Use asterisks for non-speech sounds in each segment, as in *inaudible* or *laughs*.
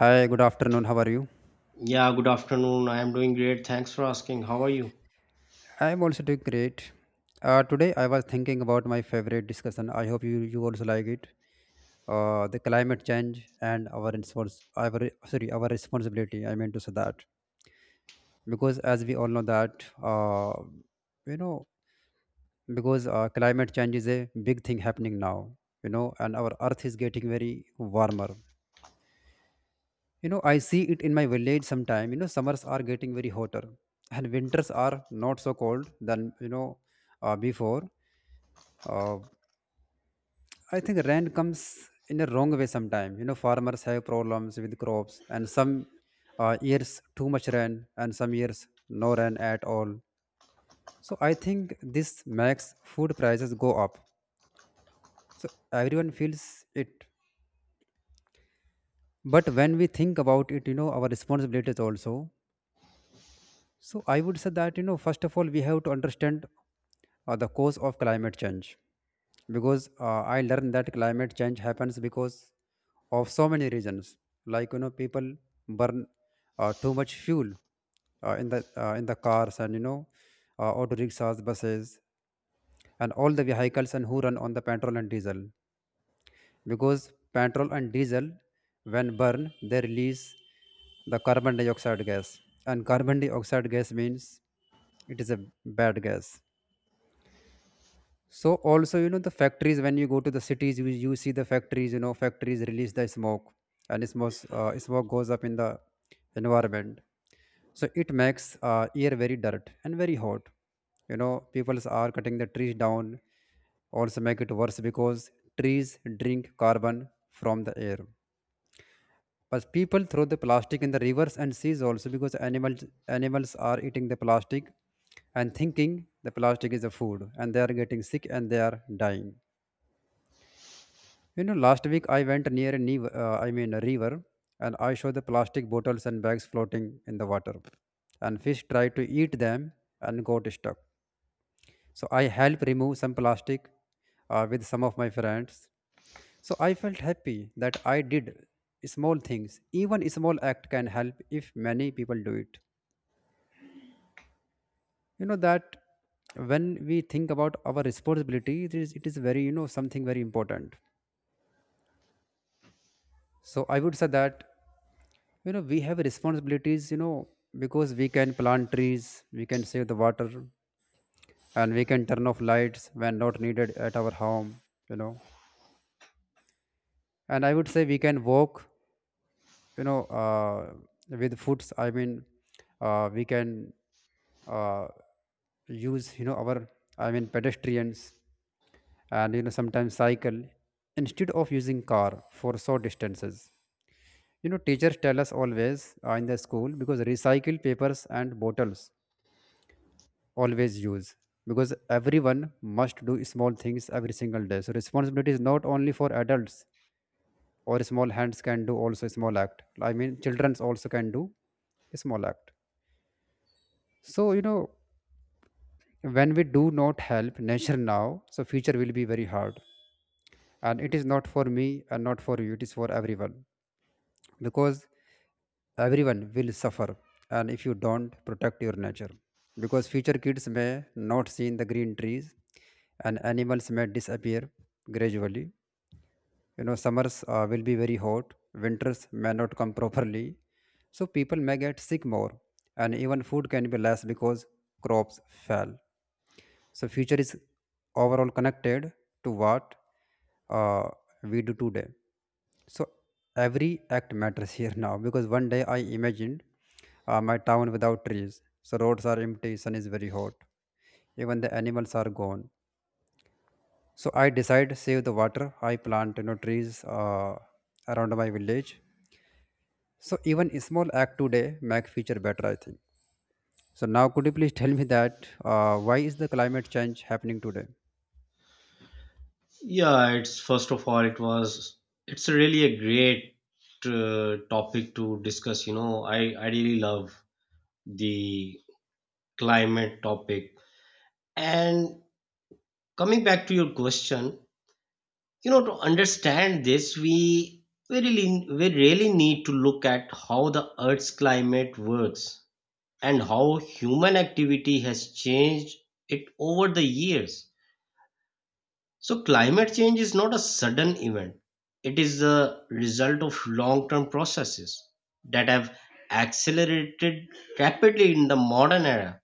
Hi, good afternoon. How are you? Yeah, good afternoon. I am doing great. Thanks for asking. How are you? I'm also doing great. Today I was thinking about my favorite discussion. I hope you also like it. The climate change and our respons- our sorry our responsibility. I meant to say that, because as we all know that, uh, you know because climate change is a big thing happening now. You know, and our Earth is getting very warmer. You know, I see it in my village sometime. You know, summers are getting very hotter, and winters are not so cold than, before. uh, I think rain comes in a wrong way sometime. You know, farmers have problems with crops, and some years too much rain, and some years no rain at all. So I think this makes food prices go up, so everyone feels it. But when we think about it, you know, our responsibilities also. So I would say that, you know, first of all we have to understand the cause of climate change, because I learned that climate change happens because of so many reasons, like, you know, people burn too much fuel, in the cars, and you know, auto rickshaws, buses, and all the vehicles and who run on the petrol and diesel. Because petrol and diesel, when burned, they release the carbon dioxide gas. And carbon dioxide gas means it is a bad gas. So also, you know, the factories, when you go to the cities, you see the factories. You know, factories release the smoke. And smoke goes up in the environment. So it makes air very dirt and very hot. You know, people are cutting the trees down also make it worse, because trees drink carbon from the air. But people throw the plastic in the rivers and seas also, because animals are eating the plastic and thinking the plastic is a food, and they are getting sick, and they are dying. You know, last week I went near a river, and I saw the plastic bottles and bags floating in the water, and fish tried to eat them and got stuck. So I helped remove some plastic with some of my friends. So I felt happy that I did small things. Even a small act can help if many people do it. You know that when we think about our responsibility, it is very, something very important. So I would say that, you know, we have responsibilities, because we can plant trees, we can save the water, and we can turn off lights when not needed at our home, you know. And I would say we can walk, you know uh, with foods, I mean, we can, uh, use, you know, our, I mean, pedestrians, and you know, sometimes cycle instead of using car for short distances. You know, teachers tell us always in the school, because recycle papers and bottles always use, because everyone must do small things every single day. So responsibility is not only for adults, or small hands can do also small act. I mean childrens also can do small act. So you know, when we do not help nature now, so future will be very hard. And it is not for me and not for you, it is for everyone, because everyone will suffer. And if you don't protect your nature, because future kids may not see the green trees, and animals may disappear gradually. You know, summers will be very hot, winters may not come properly, so people may get sick more, and even food can be less because crops fail. So future is overall connected to what, uh, we do today. So every act matters *laughs* here now, because one day I imagined my town without trees. So roads are empty, sun is very hot, even the animals are gone. So I decide save the water. I plant, you know, trees around my village. So even a small act today make future better, I think. So now could you please tell me that, why is the climate change happening today? Yeah, it's first of all, it's really a great topic to discuss. You know, I really love the climate topic. And coming back to your question, you know, to understand this, we really need to look at how the Earth's climate works and how human activity has changed it over the years. So, climate change is not a sudden event. It is the result of long term processes that have accelerated rapidly in the modern era,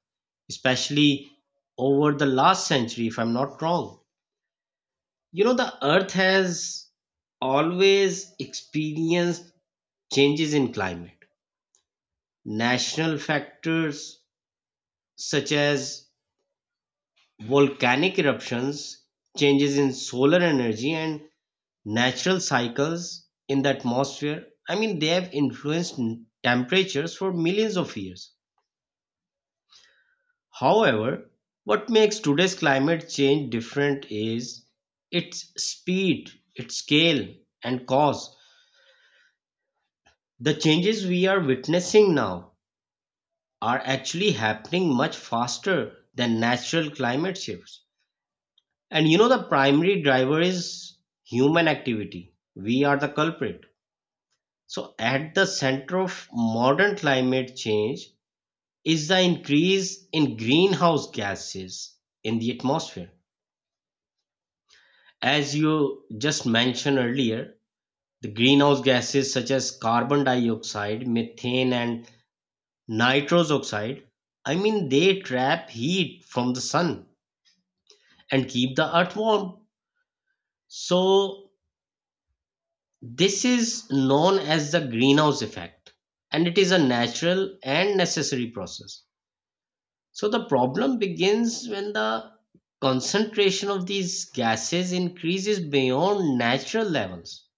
especially over the last century, if I'm not wrong. You know, the earth has always experienced changes in climate. National factors such as volcanic eruptions, changes in solar energy, and natural cycles in the atmosphere, I mean, they have influenced temperatures for millions of years. However, what makes today's climate change different is its speed, its scale, and cause. The changes we are witnessing now are actually happening much faster than natural climate shifts, and you know, the primary driver is human activity. We are the culprit. So, at the center of modern climate change is the increase in greenhouse gases in the atmosphere. As you just mentioned earlier, the greenhouse gases such as carbon dioxide, methane, and nitrous oxide, I mean, they trap heat from the sun and keep the earth warm. So, this is known as the greenhouse effect, and it is a natural and necessary process. So the problem begins when the concentration of these gases increases beyond natural levels.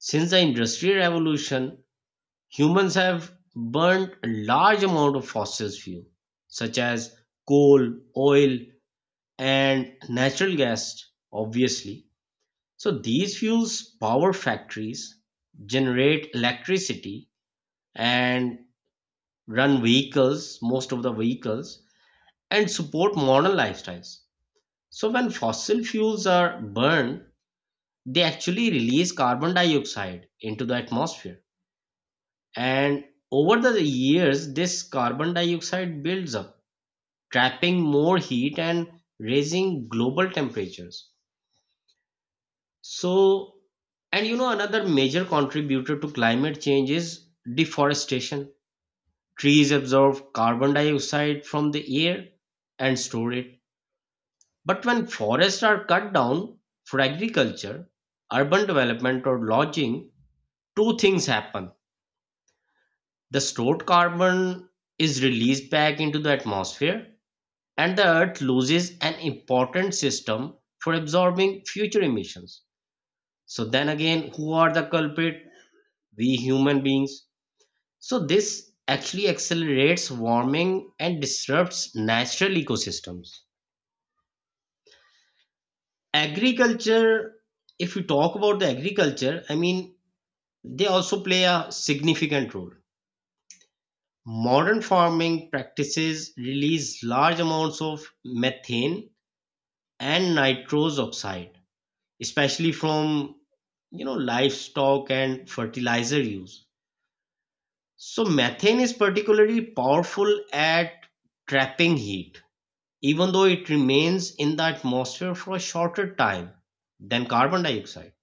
Since the Industrial Revolution, humans have burnt a large amount of fossil fuel, such as coal, oil, and natural gas, obviously. So these fuels power factories, generate electricity, and run vehicles, most of the vehicles, and support modern lifestyles. So when fossil fuels are burned, they actually release carbon dioxide into the atmosphere. And over the years, this carbon dioxide builds up, trapping more heat and raising global temperatures. So, and you know, another major contributor to climate change is deforestation. Trees absorb carbon dioxide from the air and store it. But when forests are cut down for agriculture, urban development, or lodging, two things happen. The stored carbon is released back into the atmosphere, and the earth loses an important system for absorbing future emissions. So, then again, who are the culprit? We human beings. So, this actually accelerates warming and disrupts natural ecosystems. Agriculture If we talk about the agriculture, I mean, they also play a significant role. Modern farming practices release large amounts of methane and nitrous oxide, especially from livestock and fertilizer use. So methane is particularly powerful at trapping heat, even though it remains in the atmosphere for a shorter time than carbon dioxide.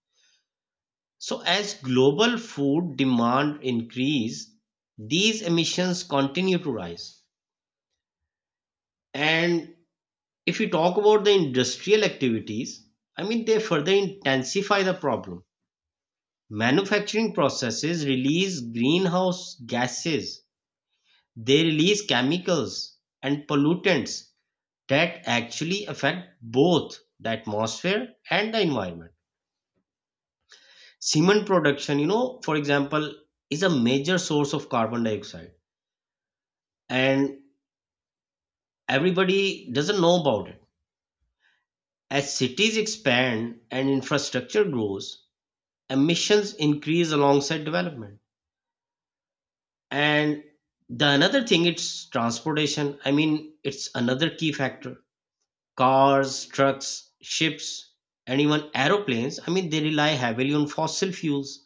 So as global food demand increase, these emissions continue to rise. And if we talk about the industrial activities, I mean, they further intensify the problem. Manufacturing processes release greenhouse gases, they release chemicals and pollutants that actually affect both the atmosphere and the environment. Cement production, you know, for example, is a major source of carbon dioxide, and everybody doesn't know about it. As cities expand and infrastructure grows, emissions increase alongside development. And the another thing it's transportation. I mean, it's another key factor. Cars, trucks, ships, and even aeroplanes, I mean, they rely heavily on fossil fuels.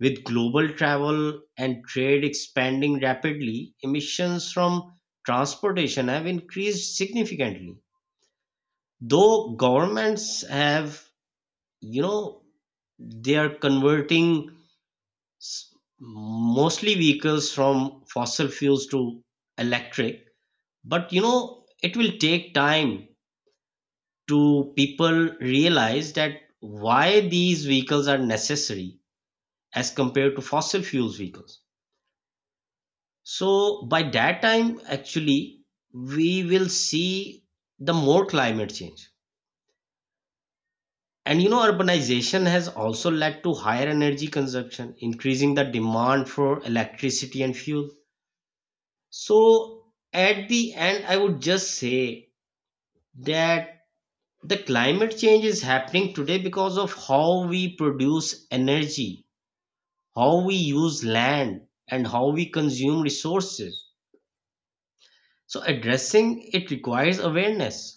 With global travel and trade expanding rapidly, emissions from transportation have increased significantly, though governments have, you know they are converting s- mostly vehicles from fossil fuels to electric. But you know, it will take time to people realize that why these vehicles are necessary as compared to fossil fuels vehicles. So by that time, actually, we will see the more climate change. And you know, urbanization has also led to higher energy consumption, increasing the demand for electricity and fuel. So, at the end, I would just say that the climate change is happening today because of how we produce energy, how we use land, and how we consume resources. So, addressing it requires awareness,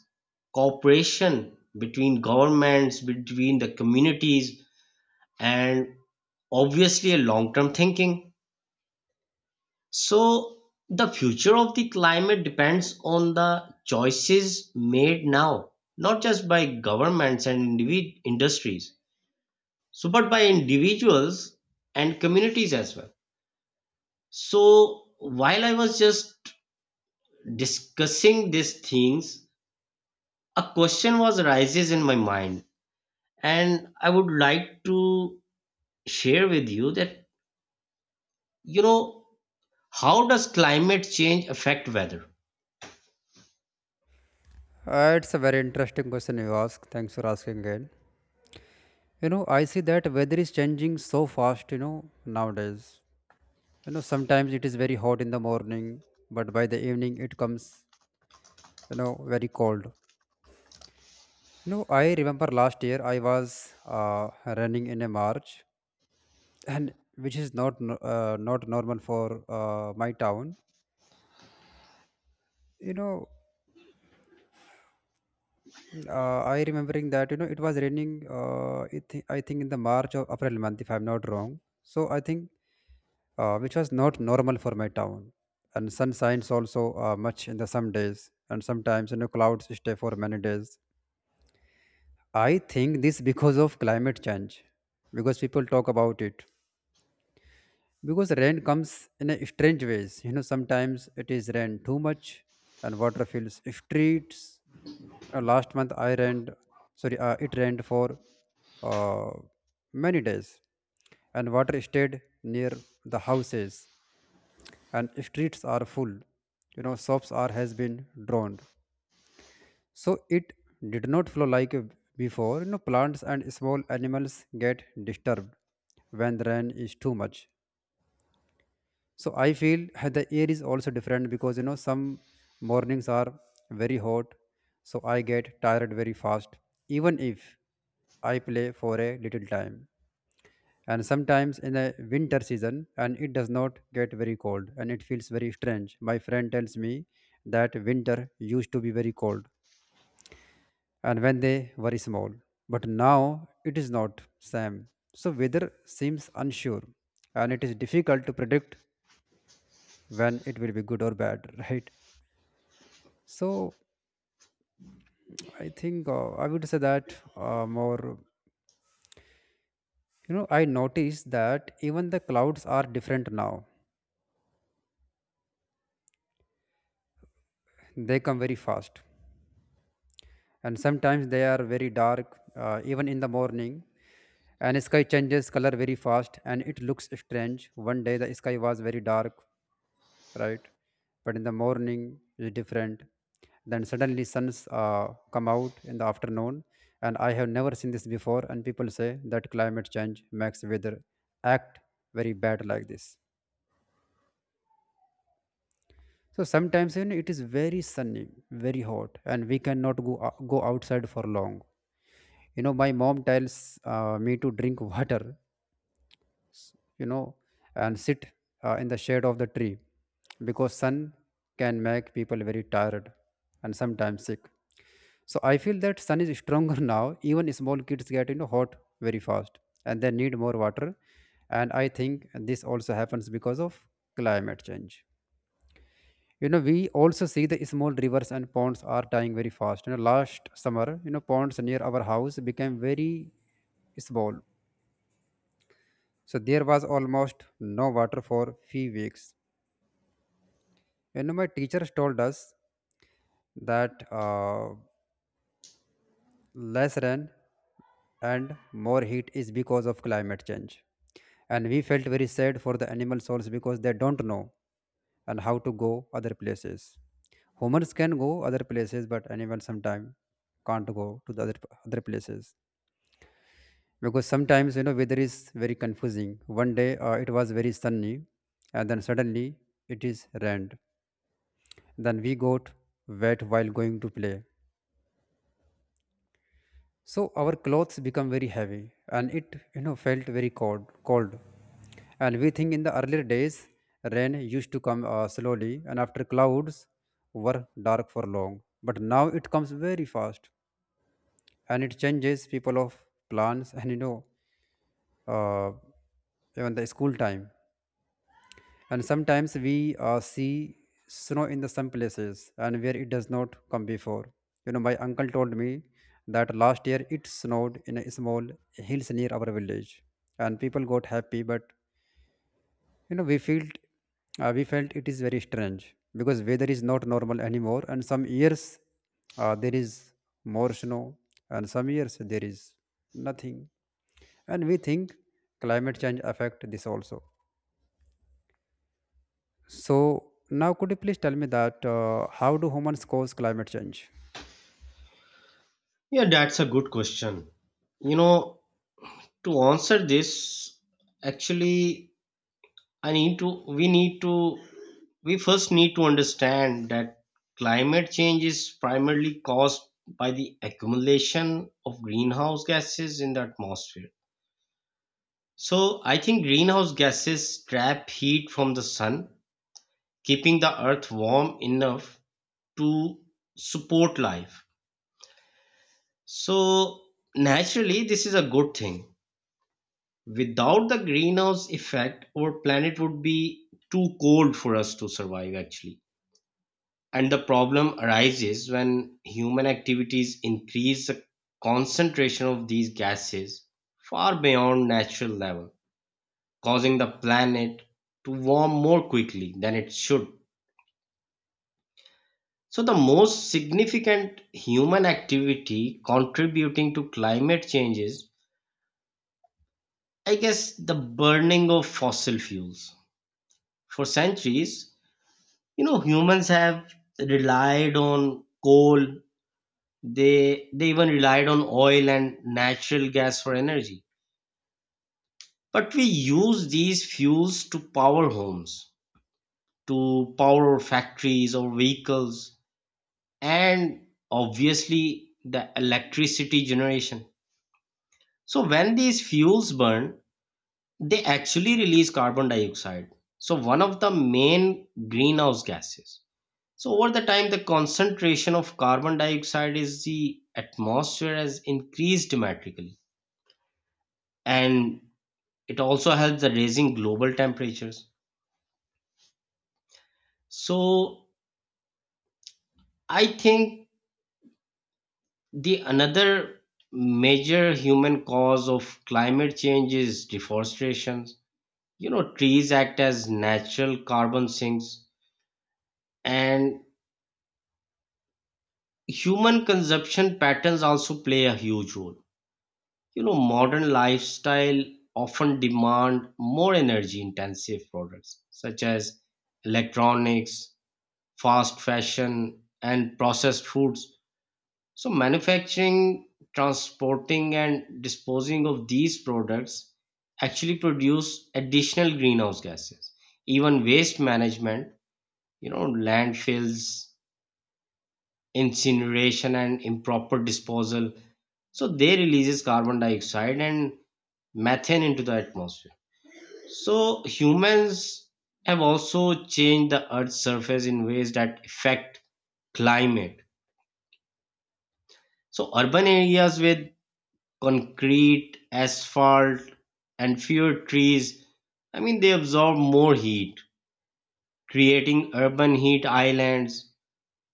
cooperation between governments, between the communities, and obviously a long term thinking. So, the future of the climate depends on the choices made now, not just by governments and industries, so but by individuals and communities as well. So, while I was just discussing these things, a question was arises in my mind, and I would like to share with you that, you know how does climate change affect weather? It's a very interesting question you ask. Thanks for asking again. You know, I see that weather is changing so fast. You know, nowadays. You know, sometimes it is very hot in the morning, but by the evening it comes, very cold. You know, I remember last year I was running in a march, and which is not normal for my town, you know. I remembering that, you know, it was raining, I think in the march or april month, if I'm not wrong. So I think, which was not normal for my town. And sun shines also much in the some days, and sometimes, you know, clouds stay for many days. I think this because of climate change, because people talk about it, because rain comes in a strange ways. You know, sometimes it is rain too much, and water fills streets. Last month I rained sorry it rained for uh, many days, and water stayed near the houses, and streets are full. You know, shops are has been drowned. So it did not flow like, before. You know, plants and small animals get disturbed when the rain is too much. So I feel *laughs* the air is also different, because you know, some mornings are very hot, so I get tired very fast, even if I play for a little time. And sometimes in the winter season, and it does not get very cold, and it feels very strange. My friend tells me that winter used to be very cold and when they were small, but now it is not same. So weather seems unsure, and it is difficult to predict when it will be good or bad, *laughs* right? So I think, I would say that, more, you know, I noticed that even the clouds are different now. They come very fast, and sometimes they are very dark, even in the morning. And sky changes color very fast, and it looks strange. One day the sky was very dark, right? But in the morning is different. Then suddenly suns come out in the afternoon, and I have never seen this before. And people say that climate change makes weather act very bad like this. So sometimes, you know, it is very sunny, very hot, and we cannot go outside for long. You know, my mom tells me to drink *laughs* water, you know, and sit in the shade of the tree, because sun can make people very tired and sometimes sick. So I feel that sun is stronger *laughs* now. Even small kids get, you know, hot very fast, and they need more water. And I think this also happens because of climate change. You know, we also see the small rivers and ponds are dying very fast. You know, last summer, you know, ponds near our house became very small, so there was almost no water for few weeks. You know, my teachers told us that, less rain and more heat is because of climate change. And we felt very sad for the animal souls because they don't know and how to go other places. Humans can go other places, but animals sometimes can't go to the other places, because sometimes, you know, weather is very confusing. One day it was very sunny, and then suddenly it is rained. Then we got wet while going to play. So our clothes become very heavy, and it, you know, felt very cold. And we think in the earlier days rain used to come, slowly and after clouds were dark for long. But now it comes very fast, and it changes people of plans, and you know, uh, even the school time. And sometimes we, see snow in the some places and where it does not come before. You know, my uncle told me that last year it snowed in a small hills near our village, and people got happy. But you know, we felt it is very strange, because weather is not normal anymore. And some years there is more snow, and some years there is nothing. And we think climate change affect this also. So now, could you please tell me that, how do humans cause climate change? Yeah, that's a good question. You know, to answer this, actually, I need to, we first need to understand that climate change is primarily caused by the accumulation of greenhouse gases in the atmosphere. So, I think greenhouse gases trap heat from the sun, keeping the earth warm enough to support life. So naturally, this is a good thing. Without the greenhouse effect, our planet would be too cold for us to survive, actually. And the problem arises when human activities increase the concentration of these gases far beyond natural level, causing the planet to warm more quickly than it should. So the most significant human activity contributing to climate changes I guess the burning of fossil fuels. For centuries, you know, humans have relied on coal. They even relied on oil and natural gas for energy. But we use these fuels to power homes, to power factories or vehicles, and obviously the electricity generation. So when these fuels burn, they actually release carbon dioxide, so one of the main greenhouse gases. So over the time, the concentration of carbon dioxide is the atmosphere has increased dramatically, and it also helps the raising global temperatures. So I think the another major human cause of climate change is deforestation. You know, trees act as natural carbon sinks, and human consumption patterns also play a huge role. You know, modern lifestyle often demand more energy intensive products such as electronics, fast fashion, and processed foods. So manufacturing, transporting, and disposing of these products actually produce additional greenhouse gases. Even waste management, you know, landfills, incineration, and improper disposal, so they releases carbon dioxide and methane into the atmosphere. So humans have also changed the earth's surface in ways that affect climate. So urban areas with concrete, asphalt, and fewer trees, I mean, they absorb more heat, creating urban heat islands.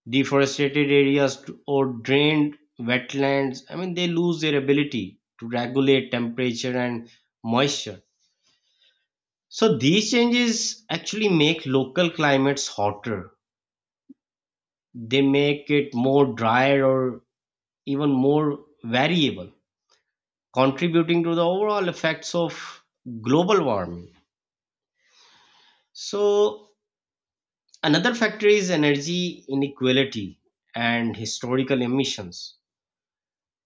Deforested areas or drained wetlands, I mean, they lose their ability to regulate temperature and moisture. So these changes actually make local climates hotter, they make it more drier or even more variable, contributing to the overall effects of global warming. So another factor is energy inequality and historical emissions.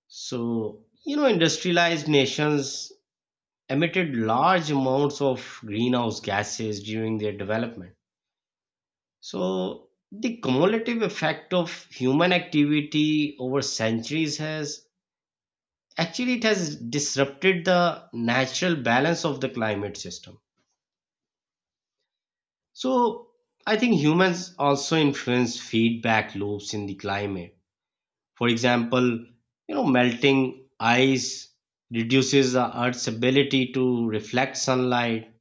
So you know, industrialized nations emitted large amounts of greenhouse gases during their development. So, the cumulative effect of human activity over centuries has actually, it has disrupted the natural balance of the climate system. So, I think humans also influence feedback loops in the climate. For example, you know, melting ice reduces the Earth's ability to reflect sunlight,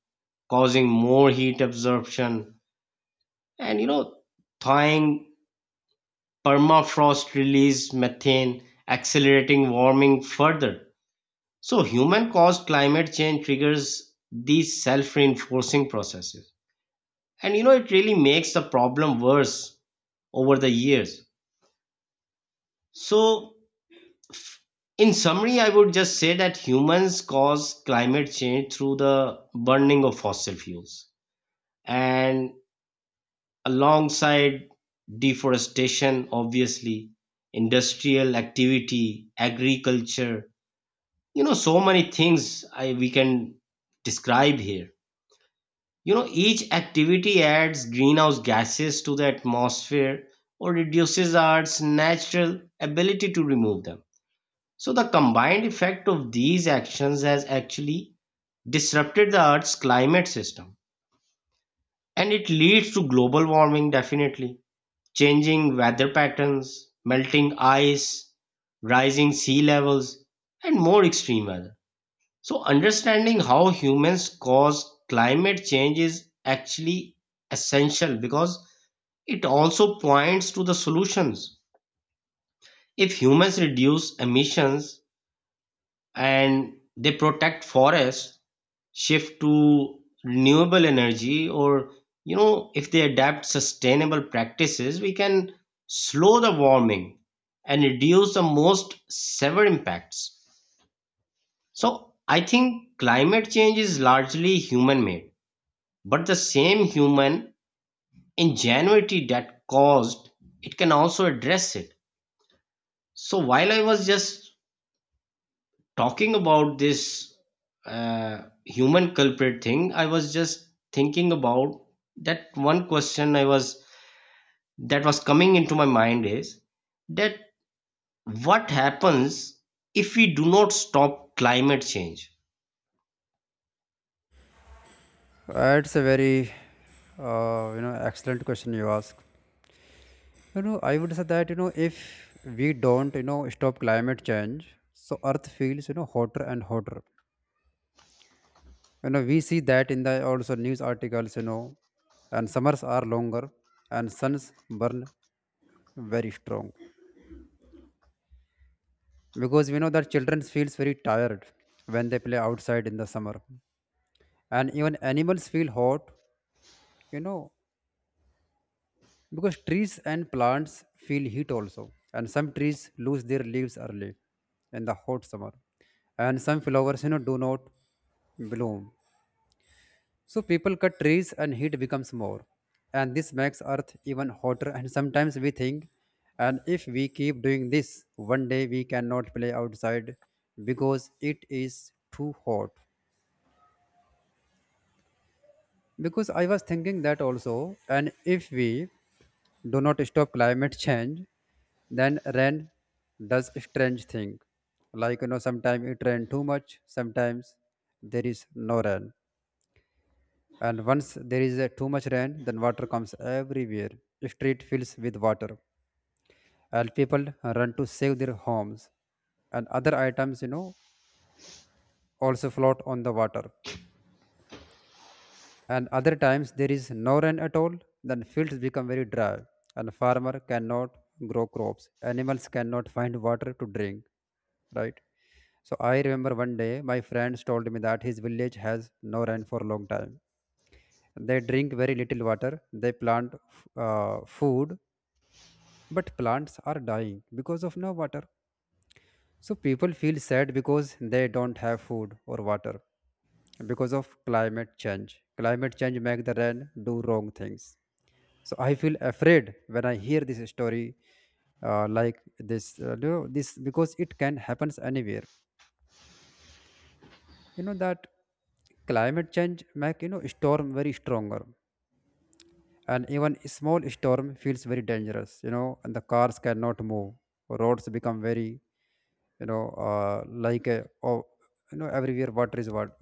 causing more heat absorption. And you know, thawing permafrost release methane, accelerating warming further. So human caused climate change triggers these self-reinforcing processes. And you know, it really makes the problem worse over the years. So in summary, I would just say that humans cause climate change through the burning of fossil fuels and alongside deforestation, obviously, industrial activity, agriculture, you know, so many things we can describe here. You know, each activity adds greenhouse gases to the atmosphere or reduces our natural ability to remove them. So, the combined effect of these actions has actually disrupted the Earth's climate system, and it leads to global warming, definitely. Changing weather patterns, melting ice, rising sea levels, and more extreme weather. So, understanding how humans cause climate change is actually essential because it also points to the solutions. If humans reduce emissions, and they protect forests, shift to renewable energy, or you know, if they adapt sustainable practices, we can slow the warming and reduce the most severe impacts. So I think climate change is largely human made, but the same human ingenuity that caused it can also address it. So while I was just talking about this human culprit thing, I was just thinking about that. One question I was that was coming into my mind is that what happens if we do not stop climate change. It's a very excellent question you ask. You know, I would say that, if we don't, stop climate change, so Earth feels, hotter and hotter. You know, we see that in the also news articles. You know, and summers are longer and suns burn very strong because we know that children feels very tired when they play outside in the summer and even animals feel hot, you know, because trees and plants feel heat also, and some trees lose their leaves early in the hot summer and some flowers, you know, do not bloom. So people cut trees and heat becomes more, and this makes earth even hotter. And sometimes we think, and if we keep doing this one day we cannot play outside because it is too hot. Because I was thinking that also, and if we do not stop climate change, then rain does strange thing, like, you know, sometimes it rain too much, sometimes there is no rain. And once there is too much rain, then water comes everywhere, street fills with water, and people run to save their homes, and other items, you know, also float on the water. And other times there is no rain at all, then fields become very dry and farmer cannot grow crops, animals cannot find water to drink, right? So I remember one day my friends told me that his village has no rain for a long time. They drink very little water. They plant food, but plants are dying because of no water. So people feel sad because they don't have food or water because of climate change. Climate change make the rain do wrong things. So I feel afraid when I hear this story like this, this, because it can happens anywhere. You know that climate change make, you know, storm very stronger, and even a small storm feels very dangerous, you know, and the cars cannot move, roads become very, you know, like a, oh, you know, everywhere water is water,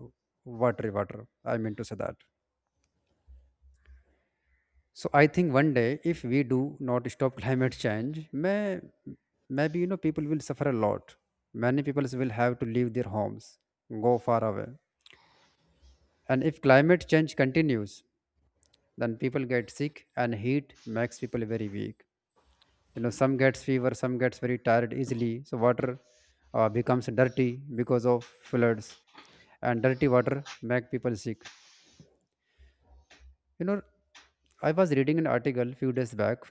watery water, I mean to say that. So I think one day, if we do not stop *laughs* climate change, may maybe, you know, people will suffer a lot, many people will have to leave their homes, go far away. And if climate change continues, then people get sick and heat makes people very weak, you know, some gets fever, some gets very tired easily. So water becomes dirty because of floods, and dirty water make people sick, you know. I was reading an article few days back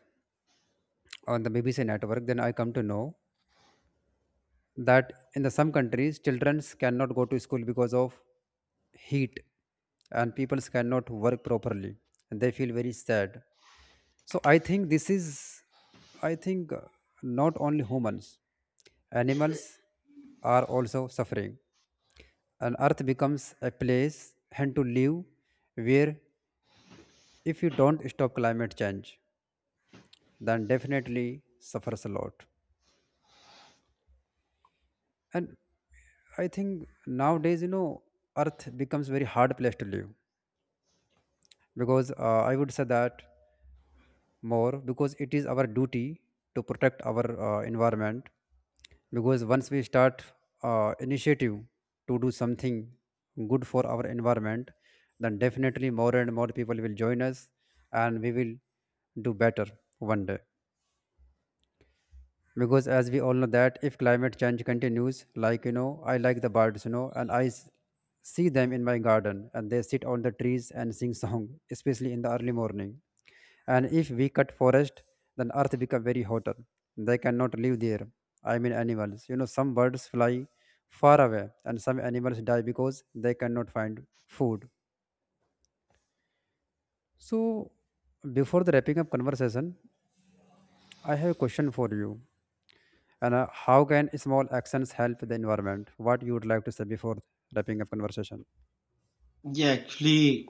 on the BBC network, then I come to know that in the some countries children cannot go to school because of heat, and people cannot work properly and they feel very sad. So I think this is, I think not only humans, animals are also suffering, and earth becomes a place and to live where, if you don't stop climate change, then definitely suffers a lot. And I think nowadays, you know, Earth becomes very hard place to live, because I would say that more, because it is our duty to protect our environment. Because once we start initiative to do something good for our environment, then definitely more and more people will join us, and we will do better one day. Because as we all know that if climate change continues, like, you know, I like the birds, you know, and see them in my garden, and they sit on the trees and sing song, especially in the early morning. And if we cut forest, then earth become very hotter, they cannot live there. I mean animals, you know, some birds fly far away and some animals die because they cannot find food. So before the wrapping up conversation, I have a question for you. And how can small actions help the environment? What you would like to say before wrapping up conversation? Yeah, actually,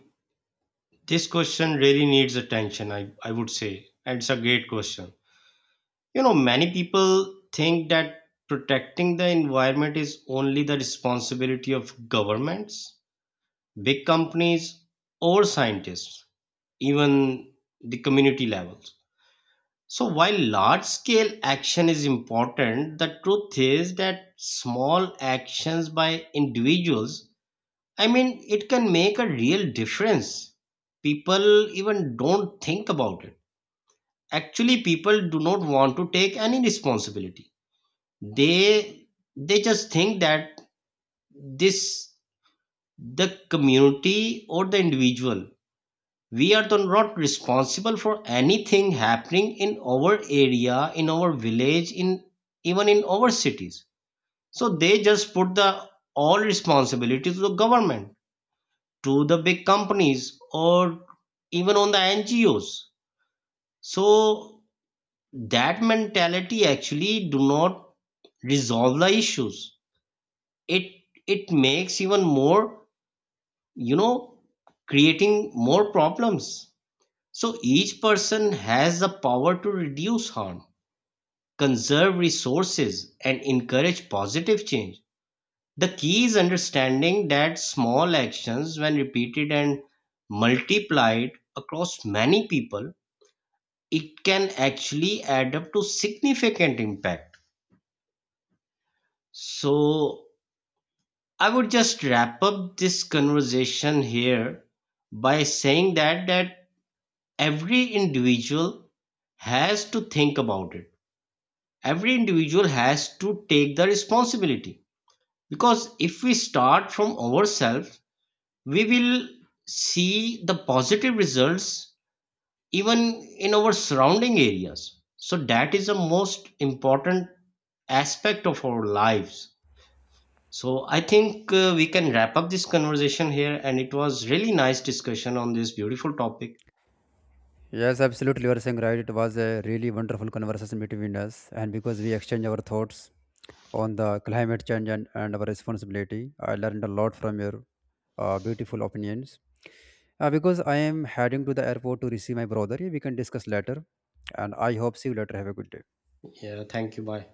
this question really needs attention, I would say, and it's a great question. You know, many people think that protecting the environment is only the responsibility of governments, big companies, or scientists, even the community levels. So while large scale action is important, the truth is that small actions by individuals, I mean, it can make a real difference. People even don't think about it. Actually, people do not want to take any responsibility. They they just think that this the community or the individual, we are the not responsible for anything happening in our area, in our village, in our cities. So they just put the all responsibility to the government, to the big companies, or even on the NGOs. So that mentality actually do not resolve the issues. It it makes even more, you know, creating more problems. So each person has the power to reduce harm, conserve resources, and encourage positive change. The key is understanding that small actions, when repeated and multiplied across many people, it can actually add up to significant impact. So I would just wrap up this conversation here by saying that every individual has to think about it, every individual has to take the responsibility, because if we start from ourselves, we will see the positive results even in our surrounding areas. So that is the most important aspect of our lives. So I think, we can wrap up this conversation here, and it was really nice discussion on this beautiful topic. Yes, absolutely. You are saying right. It was a really wonderful conversation between us, and because we exchange our thoughts on the climate change and our responsibility, I learned a lot from your beautiful opinions. Because I am heading to the airport to receive my brother, we can discuss later. And I hope see you later. Have a good day. Yeah, thank you. Bye.